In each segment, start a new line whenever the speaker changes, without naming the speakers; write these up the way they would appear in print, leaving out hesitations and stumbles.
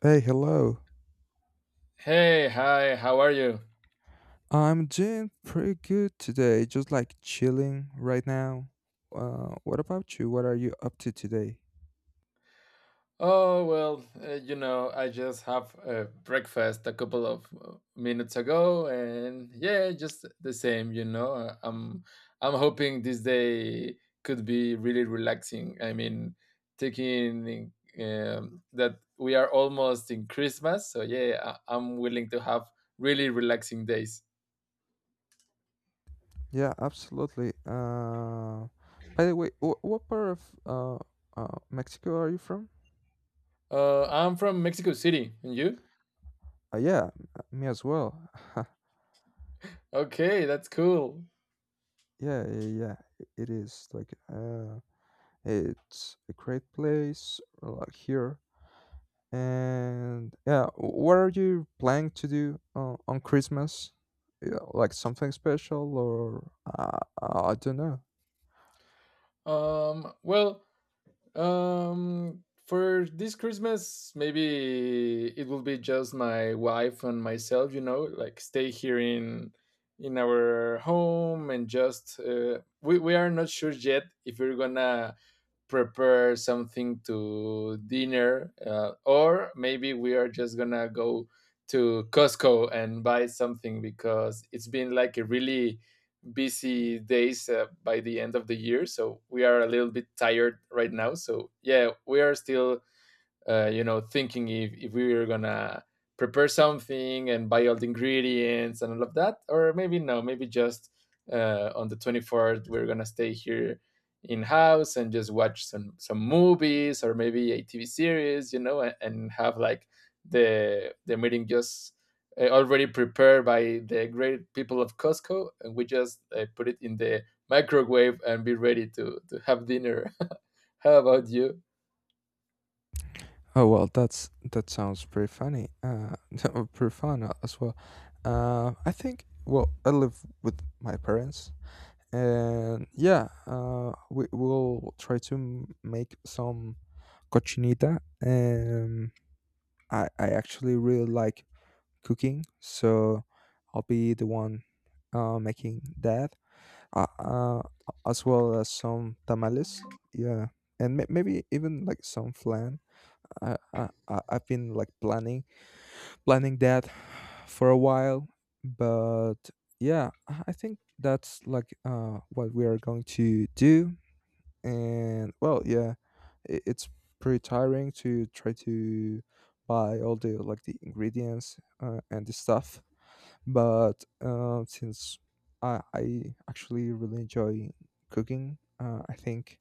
Hey, hello.
Hey, hi, how are you?
I'm doing pretty good today, just like chilling right now. What about you? What are you up to today?
Oh, well, I just have breakfast a couple of minutes ago, and yeah, just the same, you know. I'm hoping this day could be really relaxing. I mean, taking in, that we are almost in Christmas, so yeah, I'm willing to have really relaxing days.
Yeah, absolutely. By the way, what part of Mexico are you from?
I'm from Mexico City, and you?
Yeah, me as well.
Okay, that's cool.
Yeah, yeah, yeah. It is like, it's a great place, like here. And yeah, what are you planning to do on Christmas? Yeah, like something special, or, I don't know.
Um, well. For this Christmas, maybe it will be just my wife and myself. You know, like stay here in our home and just we are not sure yet if we're gonna prepare something to dinner or maybe we are just gonna go to Costco and buy something because it's been like a really busy days by the end of the year, so we are a little bit tired right now. So yeah, we are still thinking if we were gonna prepare something and buy all the ingredients and all of that, or maybe no, maybe just on the 24th we're gonna stay here in house and just watch some movies or maybe a TV series, you know, and have like the meeting just already prepared by the great people of Costco, and we just put it in the microwave and be ready to have dinner. How about you?
Oh well, that sounds pretty funny. Pretty fun as well. I think. Well, I live with my parents, and yeah, we will try to make some cochinita. Um, I actually really like cooking, so I'll be the one making that, uh, uh, as well as some tamales. Yeah, and maybe even like some flan. I've been like planning that for a while, but yeah, I think that's like, what we are going to do. And well, yeah, it's pretty tiring to try to buy all the ingredients, and the stuff, but, since I actually really enjoy cooking, I think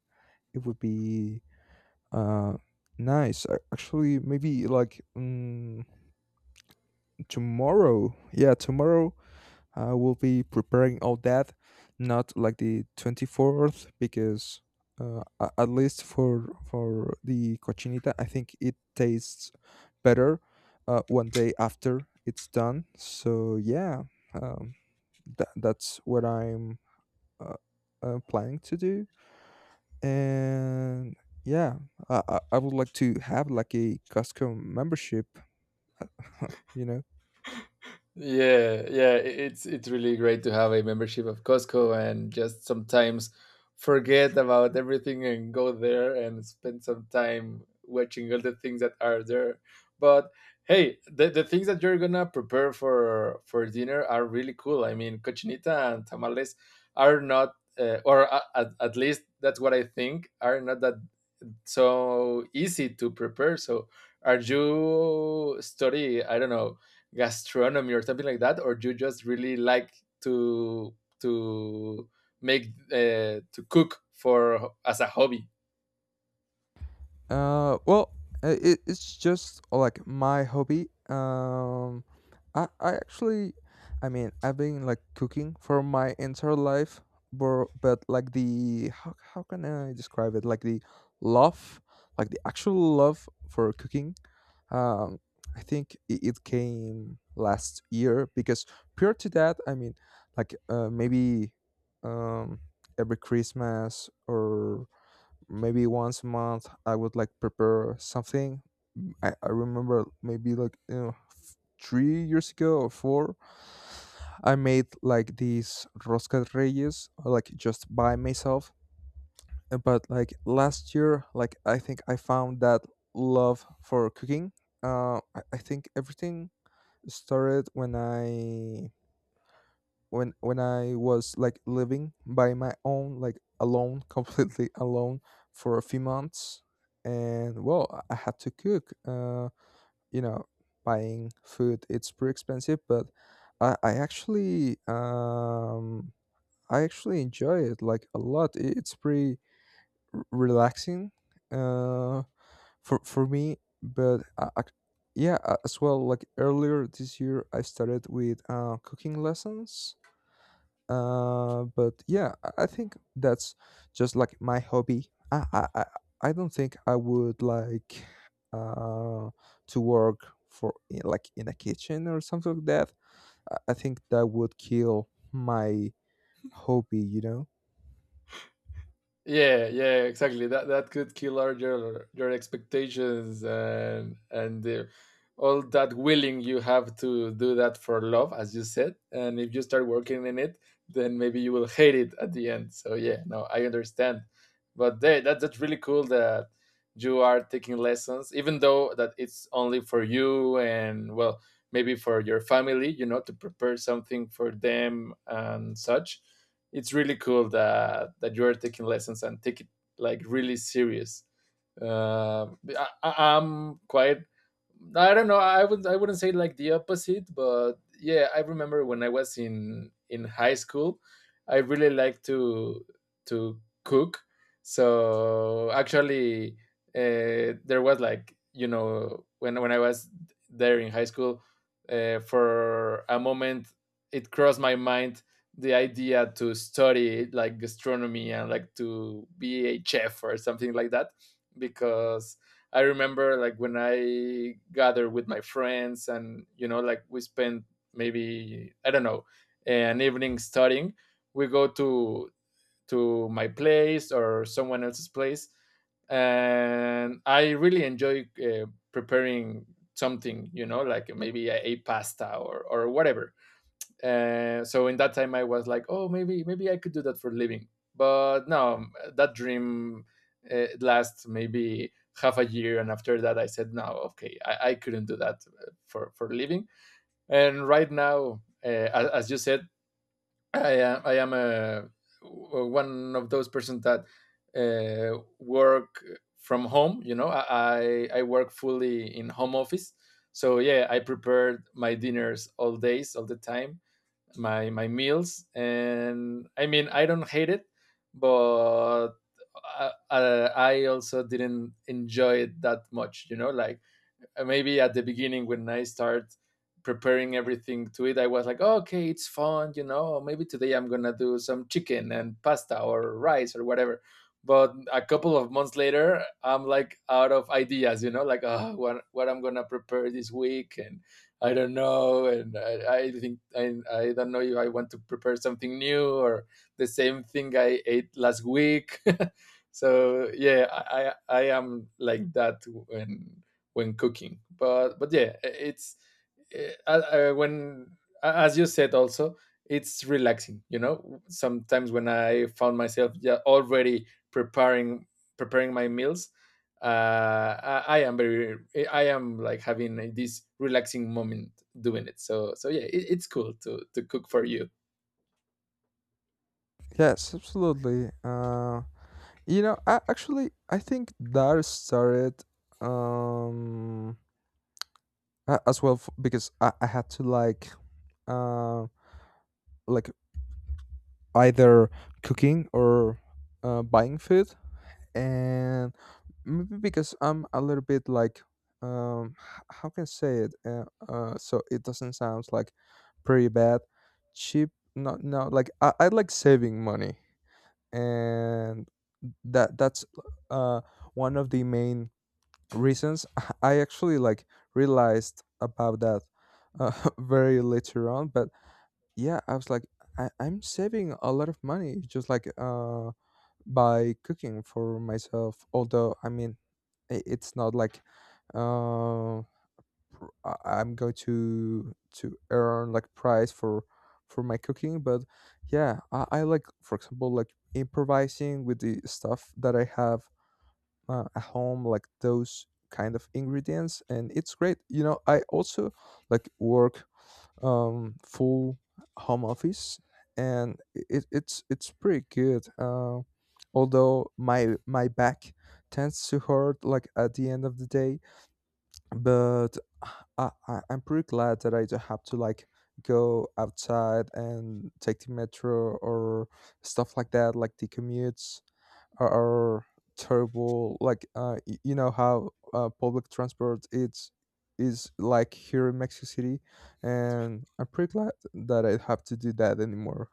it would be, uh, nice. Actually, maybe like, tomorrow. Yeah, tomorrow I will be preparing all that, not like the 24th, because, at least for the cochinita, I think it tastes better, one day after it's done. So yeah, um, that's what I'm, uh, planning to do, and yeah, I would like to have like a Costco membership, uh, you know.
Yeah, yeah, it's really great to have a membership of Costco and just sometimes forget about everything and go there and spend some time watching all the things that are there. But hey, the things that you're gonna prepare for dinner are really cool. I mean, cochinita and tamales are not, or at least that's what I think, are not that so easy to prepare. So are you study, I don't know, gastronomy or something like that, or you just really like to to make to cook for as a hobby?
Well, it's just, like my hobby. I actually, I mean, I've been like cooking for my entire life, but, like, the how can I describe it? Like the love, like the actual love for cooking. Um, I think it came last year because prior to that, I mean, like, maybe, um every Christmas, or maybe once a month, I would like prepare something. I remember maybe, like, you know, 3 years ago or four. I made like these rosca de reyes like just by myself. But like last year, like, I think I found that love for cooking. I think everything started when I was like living by my own, like alone, completely alone for a few months, and well, I had to cook. You know, buying food it's pretty expensive, but I I actually um I actually enjoy it like a lot. It's pretty relaxing, uh, for me. But, yeah, as well. Like earlier this year, I started with cooking lessons, but yeah, I think that's just like my hobby. I don't think I would like, uh to work for, like, in a kitchen or something like that. I think that would kill my hobby, you know?
Yeah, yeah, exactly. That could kill our, your expectations and the, all that willing you have to do that for love, as you said. And if you start working in it, then maybe you will hate it at the end. So yeah, no, I understand. But they, that that's really cool that you are taking lessons, even though that it's only for you and, well, maybe for your family, you know, to prepare something for them and such. It's really cool that that you are taking lessons and take it like really serious. Uh, I- am quite. I don't know. I would. I wouldn't say like the opposite, but yeah, I remember when I was in high school, I really liked to cook. So actually, there was like, you know, when I was there in high school, for a moment it crossed my mind the idea to study like gastronomy and like to be a chef or something like that, because I remember like when I gathered with my friends and, you know, like we spent maybe, I don't know, an evening studying, we go to my place or someone else's place, and I really enjoy preparing something, you know, like maybe a pasta or whatever. So in that time, I was like, oh, maybe maybe I could do that for a living. But no, that dream lasts maybe half a year, and after that, I said, no, okay, I couldn't do that for a living. And right now, as, you said, I am a one of those persons that work from home. You know, I work fully in home office. So yeah, I prepared my dinners all days, all the time, my meals, and I mean, I don't hate it, but I also didn't enjoy it that much, you know, like maybe at the beginning when I start preparing everything to it, I was like, oh, okay, it's fun, you know. Maybe today I'm gonna do some chicken and pasta or rice or whatever. But a couple of months later, I'm like out of ideas, you know, like oh, what I'm gonna prepare this week, and I don't know, and I think I don't know if I want to prepare something new or the same thing I ate last week. So yeah, I am like that when cooking. But yeah, it's when as you said also it's relaxing. You know, sometimes when I found myself yeah, already preparing preparing my meals, I am very I am like having this relaxing moment doing it. So so yeah, it, it's cool to cook for you.
Yes, absolutely. You know, I think that started, um as well, because I had to, like, uh, like, either cooking or, buying food, and maybe because I'm a little bit like, how can I say it, so it doesn't sound like pretty bad, cheap. No, no, like, I like saving money, and that's, uh one of the main reasons. I actually like realized about that, uh, very later on, but yeah, I was like, I'm saving a lot of money just like, by cooking for myself, although, I mean, it's not like, uh I'm going to earn like price for my cooking, but yeah, I like, for example, like improvising with the stuff that I have, at home, like those kind of ingredients, and it's great, you know, I also like work, full home office, and it's pretty good. Although my back tends to hurt like at the end of the day, but I'm pretty glad that I don't have to, like, go outside and take the metro or stuff like that, like the commutes are, are terrible. Like, you know how, public transport it's is like here in Mexico City, and I'm pretty glad that I have to do that anymore.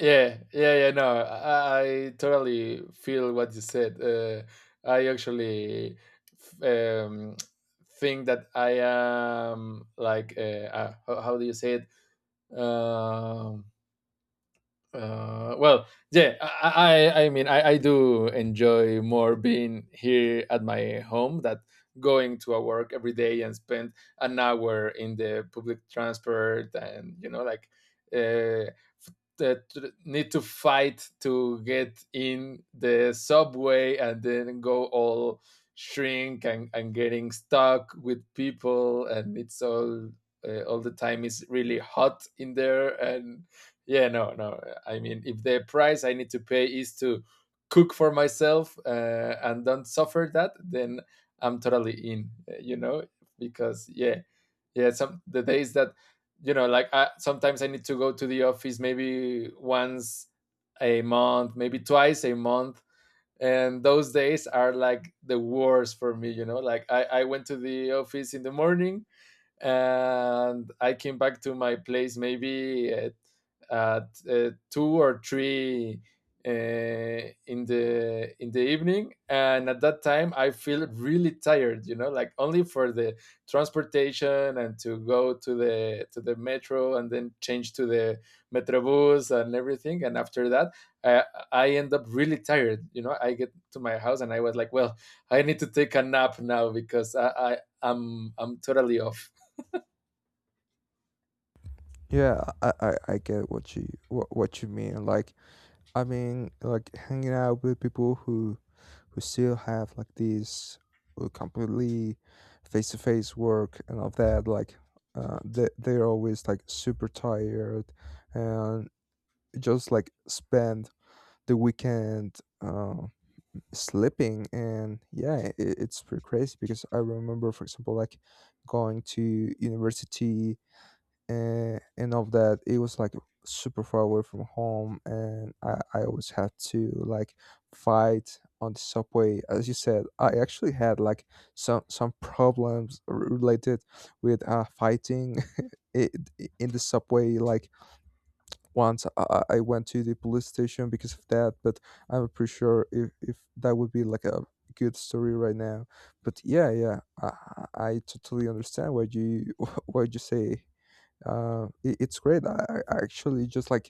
Yeah, yeah, yeah. No, I totally feel what you said. I actually f- um, think that I am like, how do you say it? Um, well, yeah. I mean, I do enjoy more being here at my home that going to a work every day and spend an hour in the public transport, and you know like. Uh, that need to fight to get in the subway and then go all shrink and getting stuck with people, and it's all the time is really hot in there, and yeah, no, no. I mean, if the price I need to pay is to cook for myself and don't suffer that, then I'm totally in, you know, because yeah. Yeah, some the days that, you know, like I, sometimes I need to go to the office maybe once a month, maybe twice a month, and those days are like the worst for me, you know, like I went to the office in the morning and I came back to my place maybe at two or three in the evening, and at that time I feel really tired. You know, like only for the transportation and to go to the metro and then change to the metrobus and everything. And after that, I, I end up really tired. You know, I get to my house and I was like, well, I need to take a nap now because I, I'm totally off.
Yeah, I get what you, what you mean. Like, I mean, like, hanging out with people who still have like this, completely face to face work and all that. Like, they're always like super tired, and just like spend the weekend, sleeping. And yeah, it's pretty crazy because I remember, for example, like going to university, and all of that, it was like super far away from home, and I always had to, like, fight on the subway, as you said. I actually had like some problems related with fighting it, in the subway, like, once I went to the police station because of that. But I'm pretty sure if that would be like a good story right now. But yeah, yeah, I totally understand what you what you say. It's great. I actually just like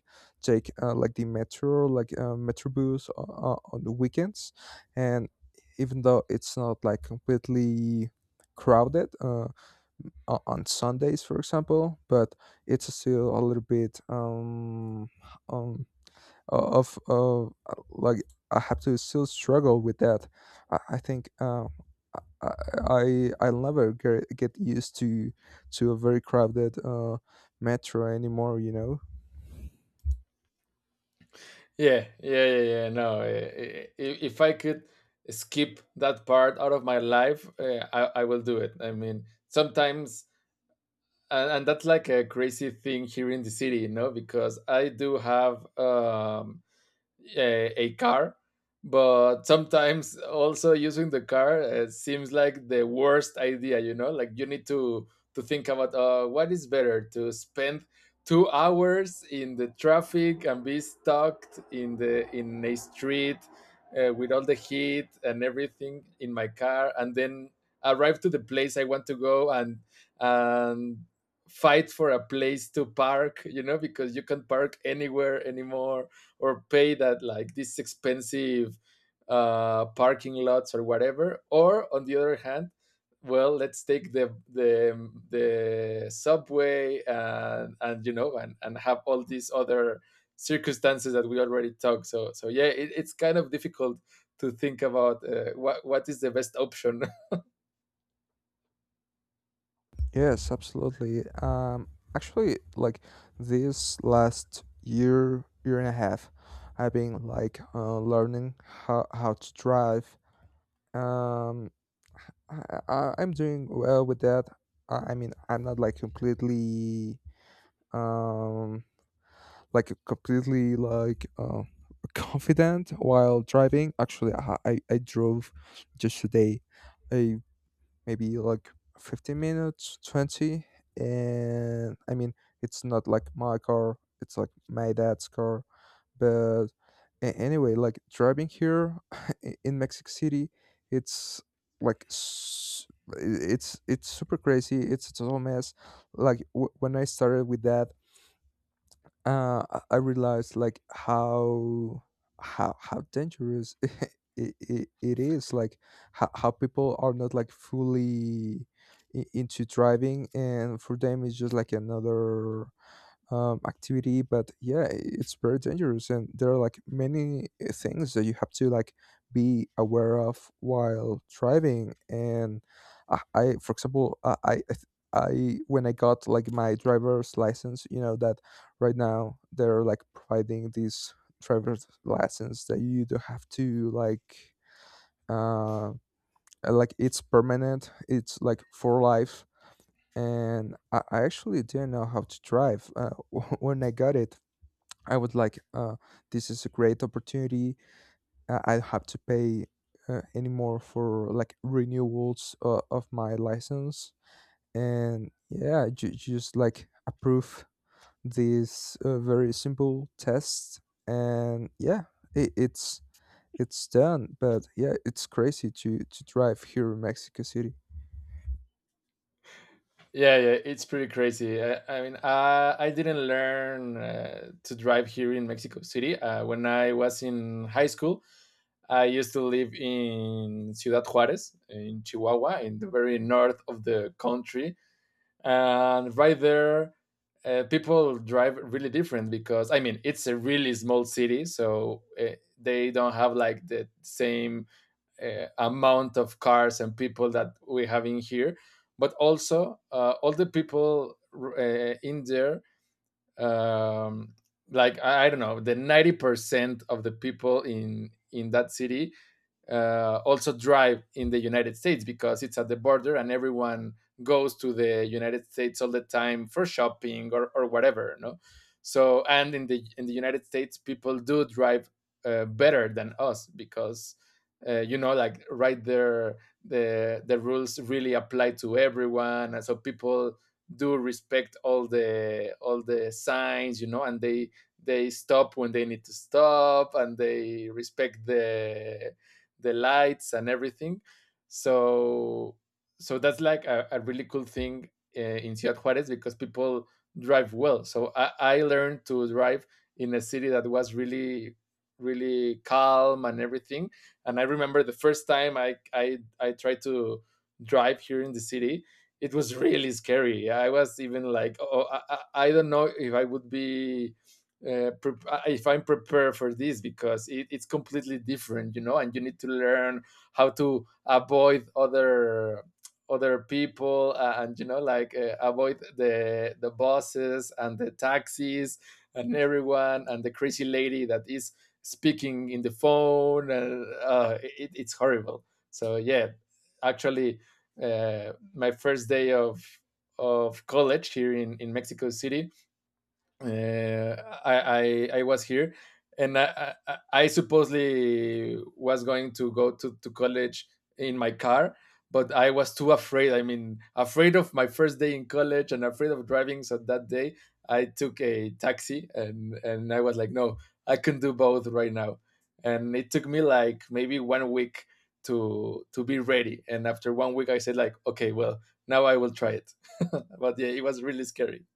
take, like the metro, like, metrobus on the weekends, and even though it's not like completely crowded, on Sundays, for example, but it's still a little bit, of, like, I have to still struggle with that. I think, I I never get used to a very crowded, metro anymore. You know.
Yeah, yeah, yeah, yeah. No, if I could skip that part out of my life, I will do it. I mean, sometimes, and that's like a crazy thing here in the city, you know, because I do have a car, but sometimes also using the car seems like the worst idea. You know, like you need to think about what is better, to spend 2 hours in the traffic and be stuck in the in a street with all the heat and everything in my car, and then arrive to the place I want to go and and fight for a place to park, you know, because you can't park anywhere anymore or pay that like these expensive parking lots or whatever. Or on the other hand, well, let's take the subway and, you know, and have all these other circumstances that we already talked. So so yeah, it, it's kind of difficult to think about what is the best option.
Yes, absolutely. Actually, like this last year, year and a half, I've been like, learning how to drive. Um, I'm doing well with that. I mean, I'm not like completely, um like completely, confident while driving. Actually, I drove just today. A, maybe like 15 minutes, 20. And I mean, it's not like my car, it's like my dad's car. But anyway, like, driving here, in Mexico City, it's like, it's super crazy, it's a total mess. Like, when I started with that, I realized like how dangerous it is, like, how people are not like fully, into driving, and for them it's just like another, activity, but yeah, it's very dangerous, and there are like many, things that you have to, like, be aware of while driving. And I, for example, I when I got like my driver's license, you know that right now they're like providing these driver's license that you do have to, like, uh like, it's permanent, it's like for life, and I actually didn't know how to drive, when I got it. I was like, this is a great opportunity. I don't have to pay, anymore for like renewals, of my license. And yeah, just like approve this, very simple test. And yeah, it, it's it's done. But yeah, it's crazy to drive here in Mexico City.
Yeah, yeah, it's pretty crazy. I mean, I didn't learn to drive here in Mexico City when I was in high school. I used to live in Ciudad Juarez, in Chihuahua, in the very north of the country. And right there, people drive really different because, I mean, it's a really small city. So they don't have like the same amount of cars and people that we have in here. But also, all the people in there, um, like, I don't know, the 90% of the people in that city also drive in the United States, because it's at the border and everyone goes to the United States all the time for shopping, or whatever, no? So and in the United States, people do drive better than us because you know, like right there the rules really apply to everyone, and so people do respect all the signs, you know, and they stop when they need to stop, and they respect the lights and everything. So so that's like a really cool thing in Ciudad Juarez, because people drive well. So I learned to drive in a city that was really calm and everything. And I remember the first time I tried to drive here in the city, it was really scary. I was even like, oh, I don't know if I would be uh, if I'm prepared for this because it's completely different, you know, and you need to learn how to avoid other people and you know like avoid the bosses and the taxis and everyone and the crazy lady that is speaking in the phone and it's horrible. So yeah, actually, my first day of college here in Mexico City, uh, I was here, and I supposedly was going to go to college in my car, but I was too afraid. I mean, afraid of my first day in college and afraid of driving. So that day, I took a taxi, and I was like, no, I can do both right now. And it took me like maybe one week to be ready. And after one week, I said like, okay, well, now I will try it. But yeah, it was really scary.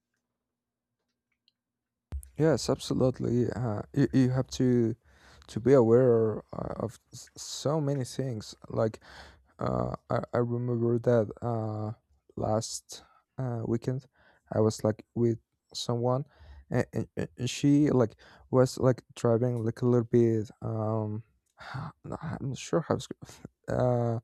Yes, absolutely. You have to be aware, of so many things. Like, I remember that, last, weekend, I was like with someone, and she, like, was like driving like a little bit. I'm not sure how. Uh,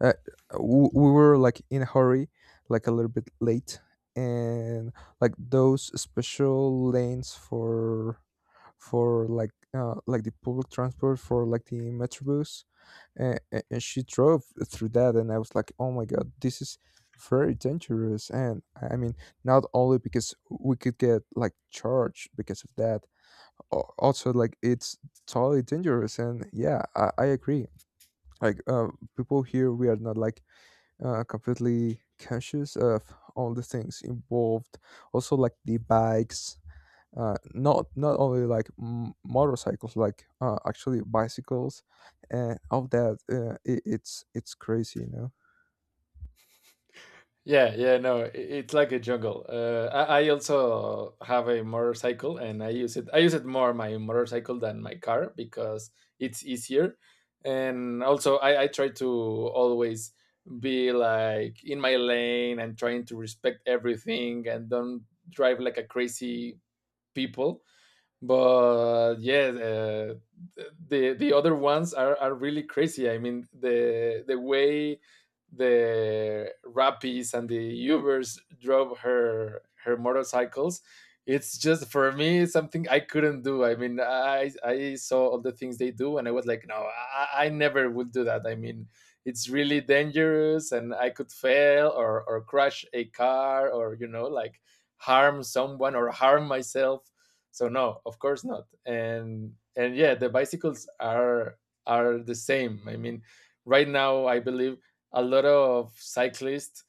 uh, we were like in a hurry, like a little bit late, and like those special lanes for like, like, the public transport, for like the metrobus, and, and she drove through that. And I was like, oh my God, this is very dangerous. And I mean, not only because we could get like charged because of that, also, like, it's totally dangerous. And yeah, I agree. Like, people here, we are not like, completely conscious of all the things involved, also like the bikes, not only like, motorcycles, like, actually bicycles, and all that, it's crazy, you know?
Yeah, yeah, no, it's like a jungle. I also have a motorcycle, and I use it. I use it more my motorcycle than my car because it's easier, and also I try to always be like in my lane and trying to respect everything and don't drive like a crazy people. But yeah, the other ones are really crazy. I mean, the way the Rappies and the Ubers drove her her motorcycles, it's just for me something I couldn't do. I mean, I saw all the things they do, and I was like, no, I never would do that. I mean, it's really dangerous, and I could fail or crash a car or you know like harm someone or harm myself. So no, of course not. And yeah, the bicycles are the same. I mean, right now I believe a lot of cyclists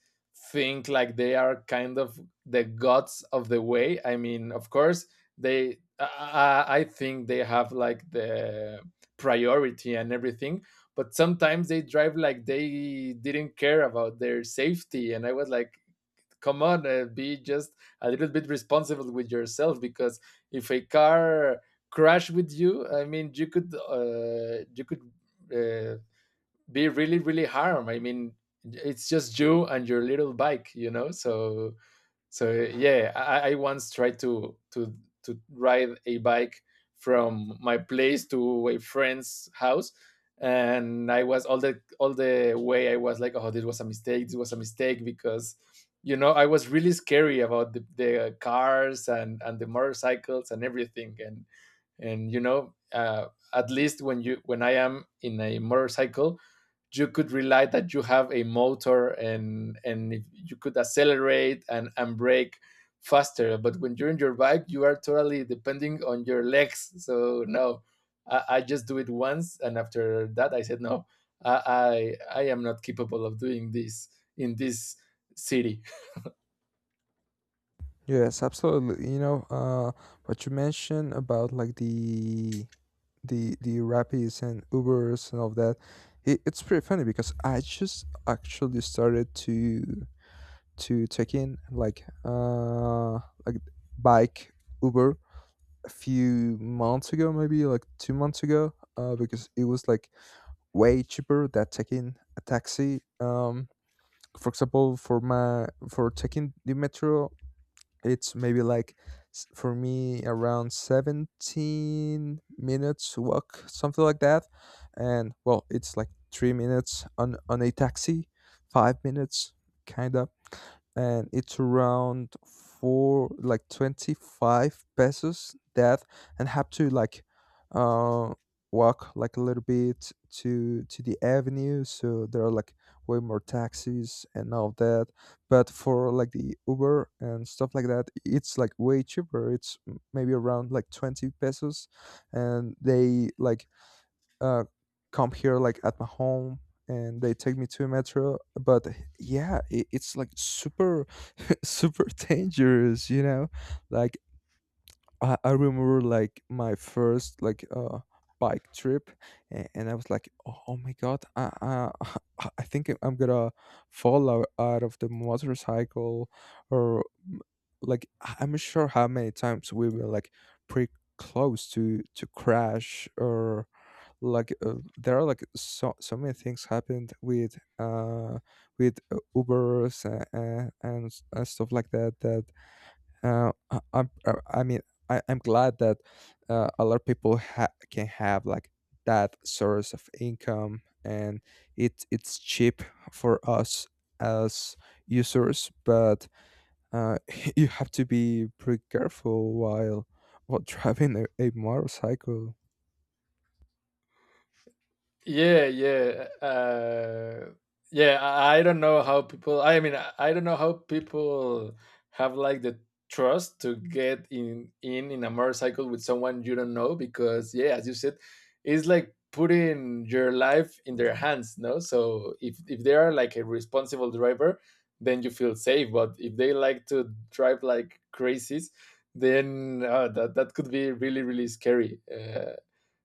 think like they are kind of the gods of the way. I mean, of course they i, I think they have like the priority and everything, but sometimes they drive like they didn't care about their safety, and I was like, come on, be just a little bit responsible with yourself because if a car crash with you, I mean, you could uh, be really really harm. I mean, it's just you and your little bike, you know. So so yeah, I once tried to ride a bike from my place to a friend's house, and I was all the way, I was like, oh, this was a mistake. This was a mistake because, you know, I was really scary about the cars and the motorcycles and everything, and you know at least when you when I am in a motorcycle you could rely that you have a motor, and if you could accelerate and brake faster. But when you're in your bike, you are totally depending on your legs. So no, I just do it once, and after that I said no, I am not capable of doing this in this city.
Yes, absolutely. You know, what you mentioned about, like, the Rappies and Ubers and all that, it's pretty funny because I just actually started to take in, like, like, bike Uber a few months ago, maybe like 2 months ago, because it was like way cheaper than taking a taxi. For example, for taking the metro, it's maybe like, for me, around 17 minutes walk, something like that. And well, it's like 3 minutes on a taxi, 5 minutes, kind of, and it's around four, like, 25 pesos. That, and have to, like, uh walk like a little bit to the avenue, so there are like way more taxis and all that. But for like the Uber and stuff like that, it's like way cheaper, it's, maybe, around like 20 pesos, and they like, uh come here, like, at my home, and they take me to a metro. But yeah, it's like super, super dangerous, you know? Like, I remember, like, my first, like, bike trip, and I was like, oh my God, I I think I'm gonna fall out of the motorcycle. Or, mm, like, I'm not sure how many times we were like pretty close to crash, or like, there are like so many things happened with, Ubers, and stuff like that, that, I mean, I'm glad that, a lot of people, can have like that source of income, and it's cheap for us as users. But, uh, you have to be pretty careful while driving a motorcycle.
Yeah, yeah, yeah, I don't know how people, I mean, I don't know how people have like the trust to get in in a motorcycle with someone you don't know, because yeah, as you said, it's like putting your life in their hands, no? So if they are like a responsible driver, then you feel safe, but if they like to drive like crazies, then that could be really really scary.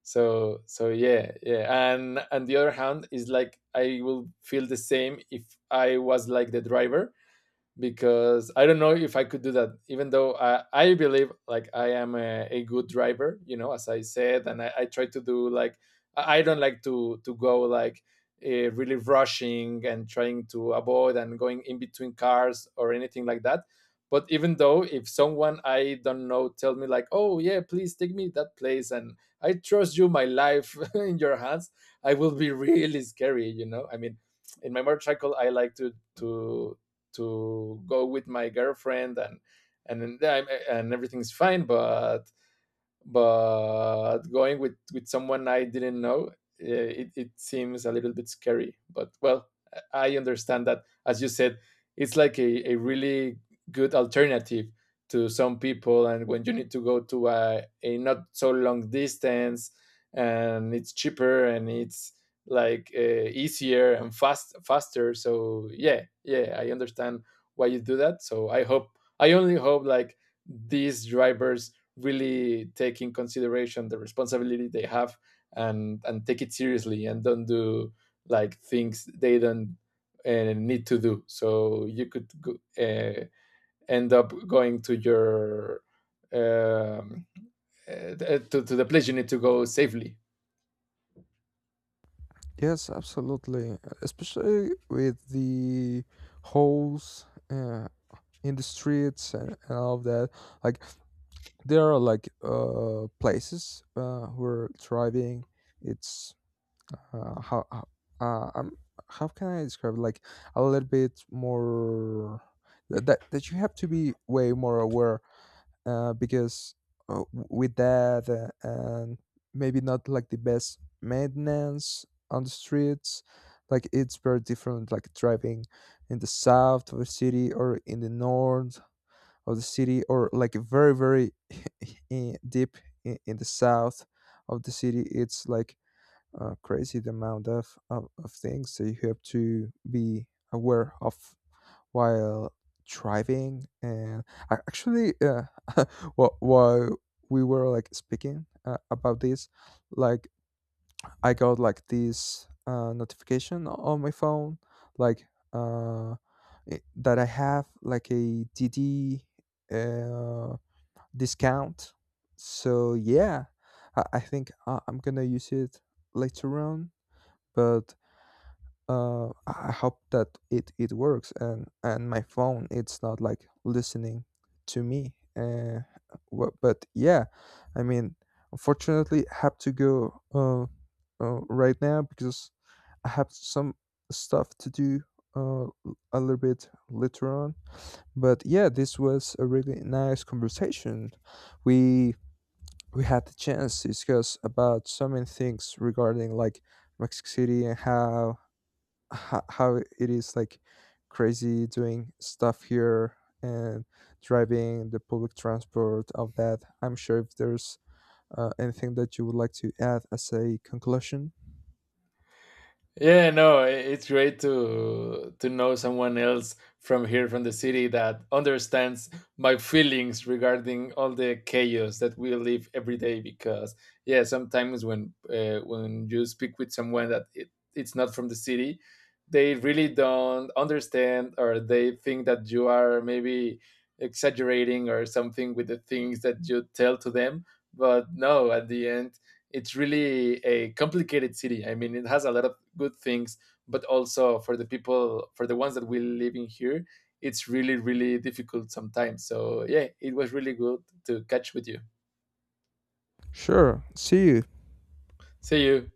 So so yeah, yeah, and on the other hand is like I will feel the same if I was like the driver because I don't know if I could do that, even though I believe like I am a good driver, you know, as I said, and I try to do like I don't like to go like really rushing and trying to avoid and going in between cars or anything like that. But even though if someone I don't know tell me like, oh yeah, please take me that place, and I trust you, my life in your hands, I will be really scary, you know. I mean, in my motorcycle, I like to to to go with my girlfriend and everything's fine, but going with someone I didn't know, eh, it seems a little bit scary. But well, I understand that, as you said, it's like a really good alternative to some people. And when you need to go to a not so long distance, and it's cheaper and it's like easier and faster. So yeah, yeah, I understand why you do that. So I hope I only hope like these drivers really take in consideration the responsibility they have and take it seriously and don't do like things they don't need to do. So you could go, uh, end up going to your um, to the place you need to go safely.
Yes, absolutely, especially with the holes, uh, in the streets, and all of that. Like, there are like, places, who are thriving. It's uh, how how- uh, um, how can I describe it? Like a little bit more, that you have to be way more aware, because, with that, and maybe not like the best maintenance on the streets. Like, it's very different, like, driving in the south of the city, or in the north of the city, or like, very, very, deep in the south of the city. It's like, crazy the amount of things that you have to be aware of while driving. And I actually, while we were, like, speaking, about this, like, I got, like, this, notification on my phone, like, uh, that I have, like, a DD, uh, discount. So yeah, I think, I'm gonna use it later on. But, I hope that it works, and my phone it's not like listening to me. But yeah, I mean, unfortunately, I have to go, right now because I have some stuff to do, uh, l- a little bit later on. But yeah, this was a really nice conversation. We we had the chance to discuss about so many things regarding, like, Mexico City, and how it is, like, crazy doing stuff here and driving the public transport of that. I'm sure if there's, anything that you would like to add as a conclusion.
Yeah, no, it's great to know someone else from here from the city that understands my feelings regarding all the chaos that we live every day because yeah, sometimes when you speak with someone that it's not from the city, they really don't understand, or they think that you are maybe exaggerating or something with the things that you tell to them, but no, at the end it's really a complicated city. I mean, it has a lot of good things, but also for the people, for the ones that we live in here, it's really, really difficult sometimes. So yeah, it was really good to catch with you.
Sure. See you.
See you.